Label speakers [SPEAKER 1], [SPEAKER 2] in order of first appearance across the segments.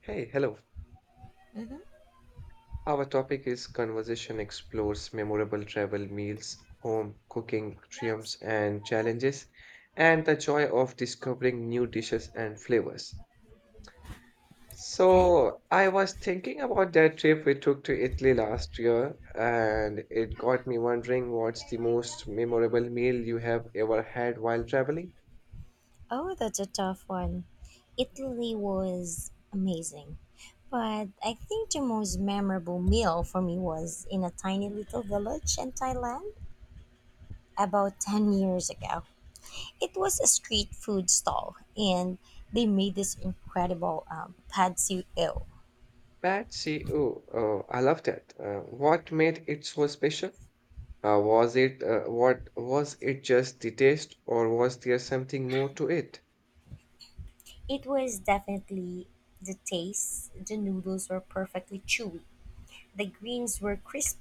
[SPEAKER 1] Hey, hello.
[SPEAKER 2] hmm
[SPEAKER 1] Our topic is conversation explores memorable travel meals, home cooking triumphs and challenges, and the joy of discovering new dishes and flavors.
[SPEAKER 2] Okay.
[SPEAKER 1] So, I was thinking about that trip we took to Italy last year, and it got me wondering what's the most memorable meal you have ever had while traveling?
[SPEAKER 2] Oh, that's a tough one. Italy was amazing. But I think the most memorable meal for me was in a tiny little village in Thailand about 10 years ago. It was a street food stall, and they made this incredible pad see ew.
[SPEAKER 1] Patsy, oh, oh, I love that. What made it so special? Was it what was it just the taste, or was there something more to it?
[SPEAKER 2] It was definitely the taste. The noodles were perfectly chewy. The greens were crisp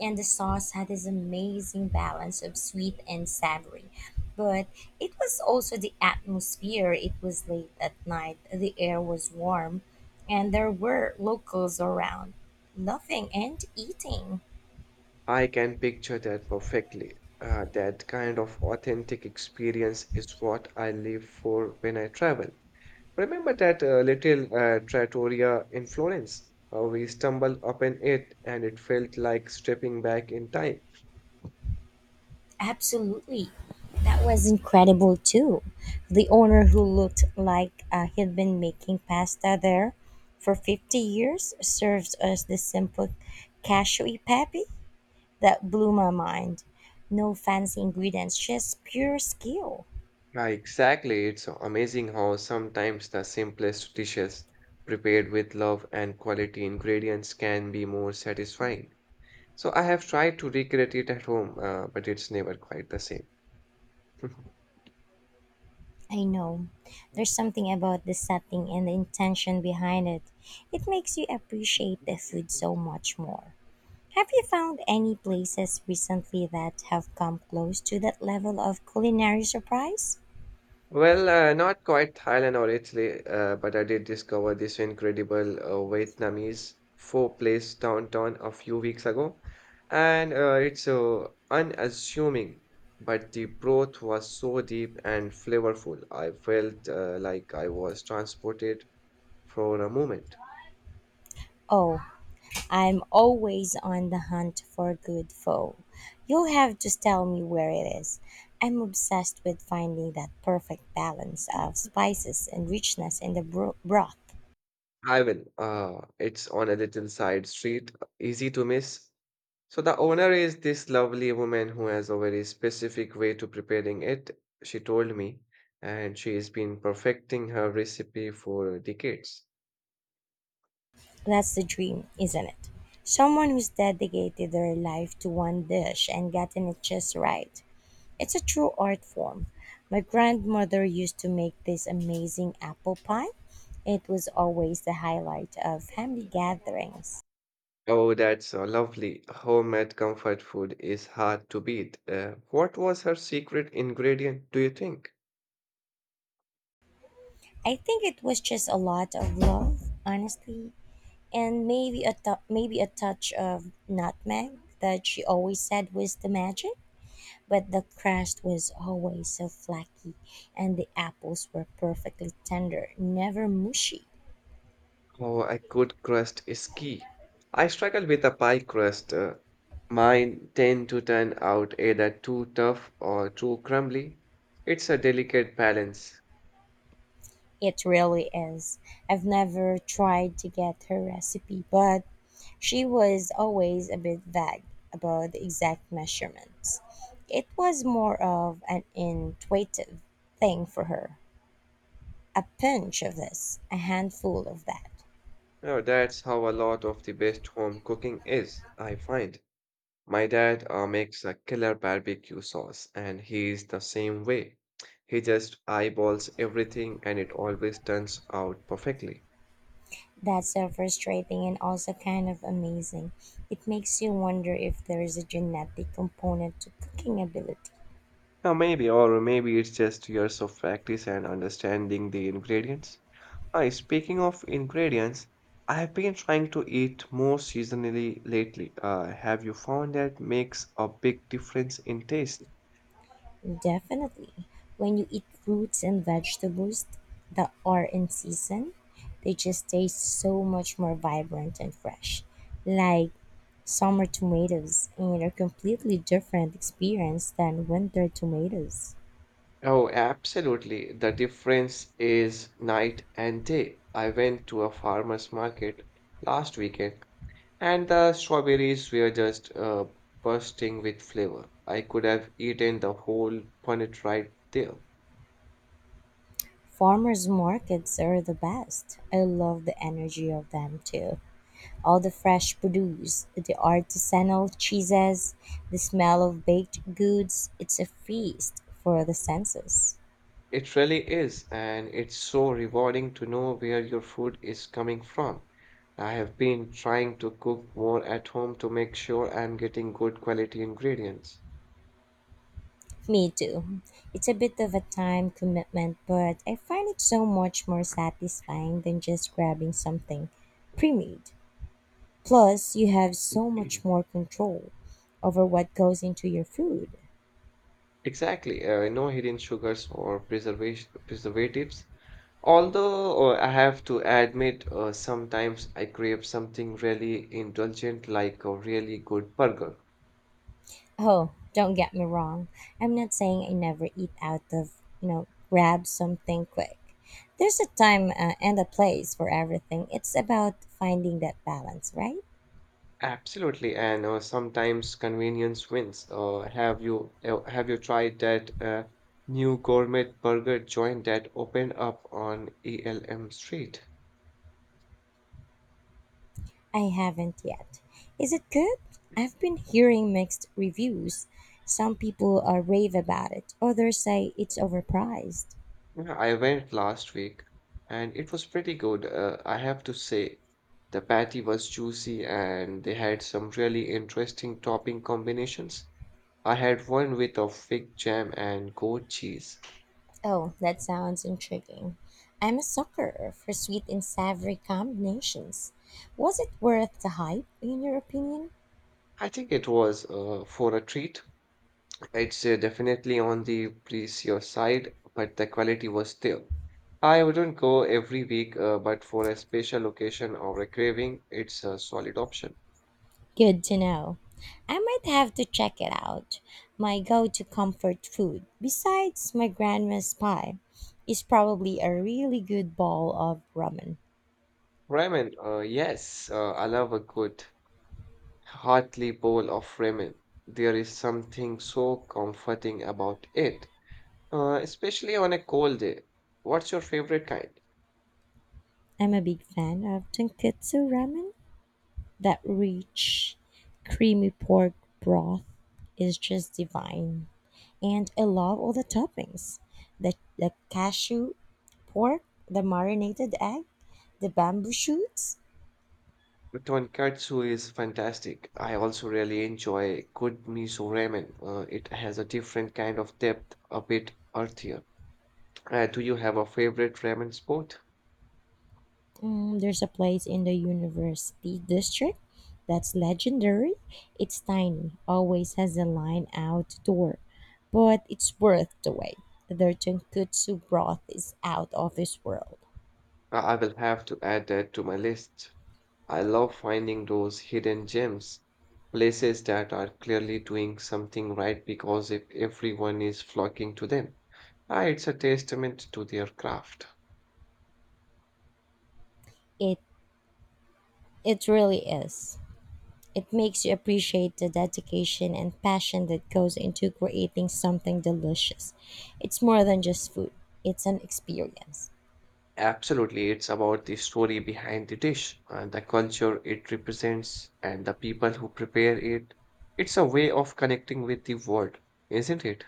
[SPEAKER 2] and the sauce had this amazing balance of sweet and savory. But it was also the atmosphere. It was late at night, the air was warm, and there were locals around, laughing and eating.
[SPEAKER 1] I can picture that perfectly. That kind of authentic experience is what I live for when I travel. Remember that little trattoria in Florence? We stumbled upon it, and it felt like stepping back in time.
[SPEAKER 2] Absolutely. That was incredible too. The owner who looked like he'd been making pasta there for 50 years serves us the simple cashew pepe that blew my mind. No fancy ingredients, just pure skill.
[SPEAKER 1] Exactly, it's amazing how sometimes the simplest dishes, prepared with love and quality ingredients, can be more satisfying. So I have tried to recreate it at home, but it's never quite the same.
[SPEAKER 2] I know. There's something about the setting and the intention behind it. It makes you appreciate the food so much more. Have you found any places recently that have come close to that level of culinary surprise?
[SPEAKER 1] Well, not quite Thailand or Italy, but I did discover this incredible Vietnamese pho place downtown a few weeks ago. And it's unassuming, but the broth was so deep and flavorful. I felt like I was transported for a moment.
[SPEAKER 2] Oh, I'm always on the hunt for a good pho. You'll have to tell me where it is. I'm obsessed with finding that perfect balance of spices and richness in the broth.
[SPEAKER 1] I will. It's on a little side street, easy to miss. So the owner is this lovely woman who has a very specific way to preparing it, she told me, and she has been perfecting her recipe for decades.
[SPEAKER 2] That's the dream, isn't it? Someone who's dedicated their life to one dish and gotten it just right. It's a true art form. My grandmother used to make this amazing apple pie. It was always the highlight of family gatherings.
[SPEAKER 1] Oh, that's lovely. Homemade comfort food is hard to beat. What was her secret ingredient, do you think?
[SPEAKER 2] I think it was just a lot of love, honestly, and maybe a touch of nutmeg that she always said was the magic. But the crust was always so flaky, and the apples were perfectly tender, never mushy.
[SPEAKER 1] Oh, a good crust is key. I struggle with a pie crust. Mine tend to turn out either too tough or too crumbly. It's a delicate balance.
[SPEAKER 2] It really is. I've never tried to get her recipe, but she was always a bit vague about the exact measurements. It was more of an intuitive thing for her. A pinch of this, a handful of that.
[SPEAKER 1] Oh, that's how a lot of the best home cooking is, I find. My dad makes a killer barbecue sauce, and he's the same way. He just eyeballs everything, and it always turns out perfectly.
[SPEAKER 2] That's so frustrating and also kind of amazing. It makes you wonder if there is a genetic component to cooking ability.
[SPEAKER 1] Now, maybe, or maybe it's just years of practice and understanding the ingredients. Hi, speaking of ingredients, I have been trying to eat more seasonally lately. Have you found that makes a big difference in taste?
[SPEAKER 2] Definitely. When you eat fruits and vegetables that are in season, they just taste so much more vibrant and fresh. Like summer tomatoes and a completely different experience than winter tomatoes.
[SPEAKER 1] Oh, absolutely. The difference is night and day. I went to a farmer's market last weekend and the strawberries were just bursting with flavor. I could have eaten the whole punnet right there.
[SPEAKER 2] Farmers markets are the best. I love the energy of them too. All the fresh produce, the artisanal cheeses, the smell of baked goods, it's a feast for the senses.
[SPEAKER 1] It really is, and it's so rewarding to know where your food is coming from. I have been trying to cook more at home to make sure I'm getting good quality ingredients.
[SPEAKER 2] Me too. It's a bit of a time commitment, but I find it so much more satisfying than just grabbing something pre made. Plus, you have so much
[SPEAKER 1] Mhm.
[SPEAKER 2] more control over what goes into your food.
[SPEAKER 1] Exactly, no hidden sugars or preservation preservatives. Although I have to admit, sometimes I crave something really indulgent, like a really good burger.
[SPEAKER 2] Oh, don't get me wrong. I'm not saying I never eat out of, you know, grab something quick. There's a time and a place for everything. It's about finding that balance, right?
[SPEAKER 1] Absolutely, and sometimes convenience wins. Have you tried that new gourmet burger joint that opened up on ELM Street?
[SPEAKER 2] I haven't yet. Is it good? I've been hearing mixed reviews. Some people rave about it, others say it's overpriced.
[SPEAKER 1] Yeah, I went last week, and it was pretty good. I have to say, the patty was juicy, and they had some really interesting topping combinations. I had one with a fig jam and goat cheese.
[SPEAKER 2] Oh, that sounds intriguing. I'm a sucker for sweet and savory combinations. Was it worth the hype, in your opinion?
[SPEAKER 1] I think it was for a treat. It's definitely on the pricier side, but the quality was there. I wouldn't go every week, but for a special occasion or a craving, it's a solid option.
[SPEAKER 2] Good to know. I might have to check it out. My go to comfort food, besides my grandma's pie, is probably a really good bowl of ramen.
[SPEAKER 1] Ramen, yes, I love a good, hearty bowl of ramen. There is something so comforting about it, especially on a cold day. What's your favorite kind?
[SPEAKER 2] I'm a big fan of tonkatsu ramen. That rich, creamy pork broth is just divine. And I love all the toppings the cashew pork, the marinated egg, the bamboo shoots.
[SPEAKER 1] Tonkatsu is fantastic. I also really enjoy good miso ramen. It has a different kind of depth, a bit earthier. Do you have a favorite ramen spot?
[SPEAKER 2] Mm, there's a place in the university district that's legendary. It's tiny, always has a line out door, but it's worth the wait. Their tonkatsu broth is out of this world.
[SPEAKER 1] I will have to add that to my list. I love finding those hidden gems, places that are clearly doing something right because if everyone is flocking to them, ah, it's a testament to their craft.
[SPEAKER 2] It it really is. It makes you appreciate the dedication and passion that goes into creating something delicious. It's more than just food. It's an experience.
[SPEAKER 1] Absolutely, it's about the story behind the dish, the culture it represents, and the people who prepare it. It's a way of connecting with the world, isn't it?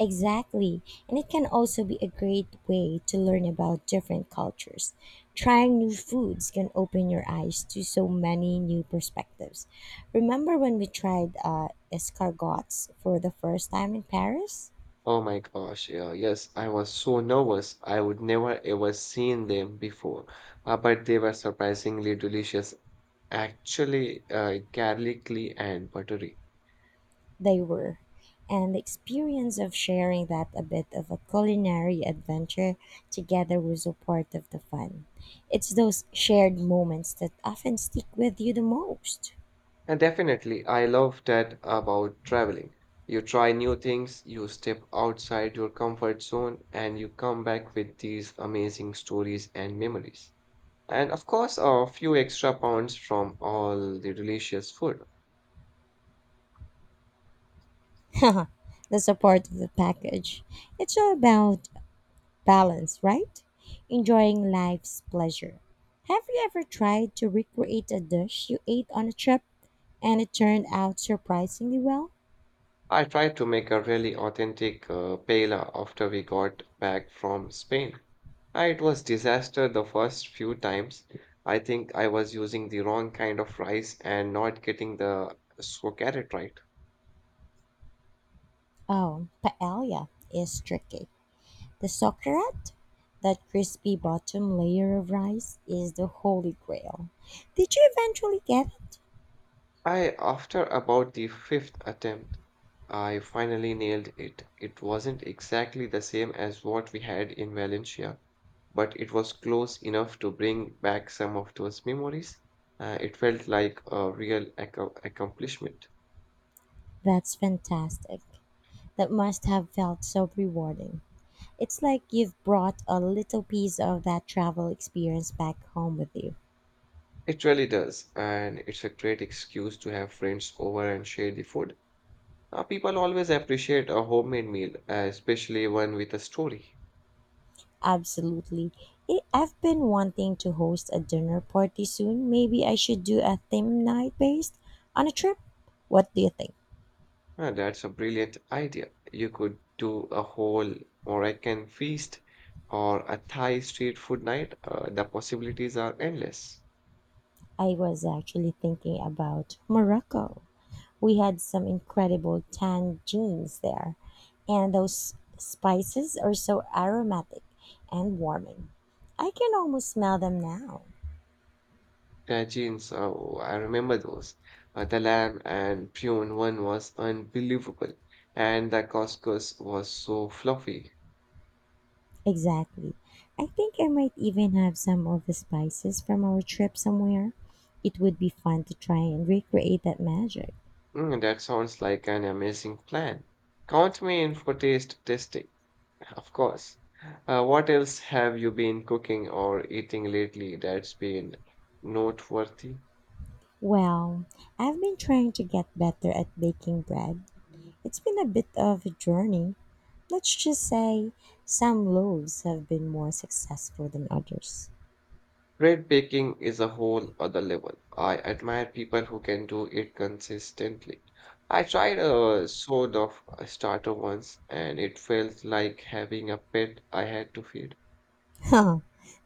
[SPEAKER 2] Exactly. And it can also be a great way to learn about different cultures. Trying new foods can open your eyes to so many new perspectives. Remember when we tried escargots for the first time in Paris?
[SPEAKER 1] Oh my gosh, yeah, yes, I was so nervous. I would never ever seen them before, but they were surprisingly delicious, actually, garlicky and buttery.
[SPEAKER 2] They were. And the experience of sharing that a bit of a culinary adventure together was a part of the fun. It's those shared moments that often stick with you the most.
[SPEAKER 1] And definitely, I love that about traveling. You try new things, you step outside your comfort zone, and you come back with these amazing stories and memories. And of course, a few extra pounds from all the delicious food.
[SPEAKER 2] That's a part of the package. It's all about balance, right? Enjoying life's pleasure. Have you ever tried to recreate a dish you ate on a trip and it turned out surprisingly well?
[SPEAKER 1] I tried to make a really authentic paella after we got back from Spain. It was disaster the first few times. I think I was using the wrong kind of rice and not getting the sourdough right.
[SPEAKER 2] Oh, paella is tricky. The "socceret", that crispy bottom layer of rice, is the holy grail. Did you eventually get it?
[SPEAKER 1] I, after about the fifth attempt, I finally nailed it. It wasn't exactly the same as what we had in Valencia, but it was close enough to bring back some of those memories. It felt like a real accomplishment.
[SPEAKER 2] That's fantastic. That must have felt so rewarding. It's like you've brought a little piece of that travel experience back home with you.
[SPEAKER 1] It really does, and it's a great excuse to have friends over and share the food. People always appreciate a homemade meal, especially one with a story.
[SPEAKER 2] Absolutely. I've been wanting to host a dinner party soon. Maybe I should do a theme night based on a trip. What do you think?
[SPEAKER 1] Ah, that's a brilliant idea. You could do a whole Moroccan feast or a Thai street food night. The possibilities are endless.
[SPEAKER 2] I was actually thinking about Morocco. We had some incredible tan jeans there, and those spices are so aromatic and warming. I can almost smell them now.
[SPEAKER 1] Tagines, oh, I remember those. The lamb and prune one was unbelievable, and the couscous was so fluffy.
[SPEAKER 2] Exactly. I think I might even have some of the spices from our trip somewhere. It would be fun to try and recreate that magic.
[SPEAKER 1] Mm, that sounds like an amazing plan. Count me in for taste testing. Of course. What else have you been cooking or eating lately that's been noteworthy?
[SPEAKER 2] Well, I've been trying to get better at baking bread. It's been a bit of a journey. Let's just say some loaves have been more successful than others.
[SPEAKER 1] Bread baking is a whole other level. I admire people who can do it consistently. I tried a sort of a starter once and it felt like having a pet I had to feed.
[SPEAKER 2] Huh,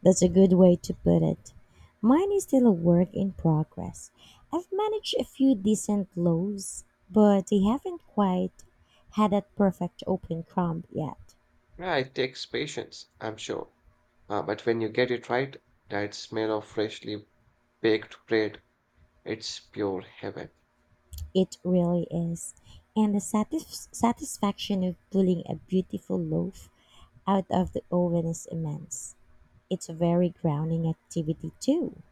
[SPEAKER 2] that's a good way to put it. Mine is still a work in progress. I've managed a few decent lows, but they haven't quite had that perfect open crumb yet.
[SPEAKER 1] Yeah, it takes patience, I'm sure. But when you get it right, that smell of freshly baked bread, it's pure heaven.
[SPEAKER 2] It really is. And the satisfaction of pulling a beautiful loaf out of the oven is immense. It's a very grounding activity, too.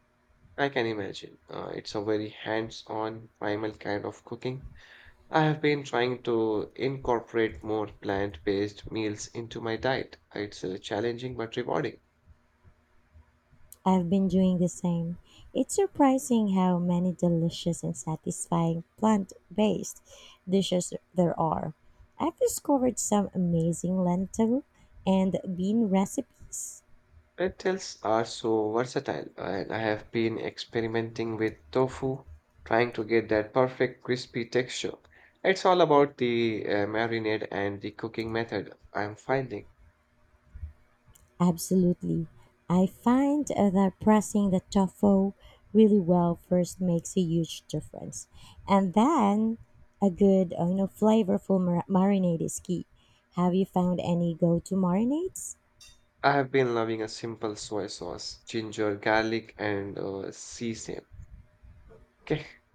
[SPEAKER 1] I can imagine. It's a very hands-on, primal kind of cooking. I have been trying to incorporate more plant-based meals into my diet. It's challenging but rewarding.
[SPEAKER 2] I've been doing the same. It's surprising how many delicious and satisfying plant based dishes there are. I've discovered some amazing lentil and bean recipes.
[SPEAKER 1] Lentils are so versatile, and I have been experimenting with tofu, trying to get that perfect crispy texture. It's all about the marinade and the cooking method I'm finding.
[SPEAKER 2] Absolutely. I find that pressing the tofu really well first makes a huge difference. And then a good, flavorful marinade is key. Have you found any go-to marinades?
[SPEAKER 1] I have been loving a simple soy sauce, ginger, garlic, and sea salt.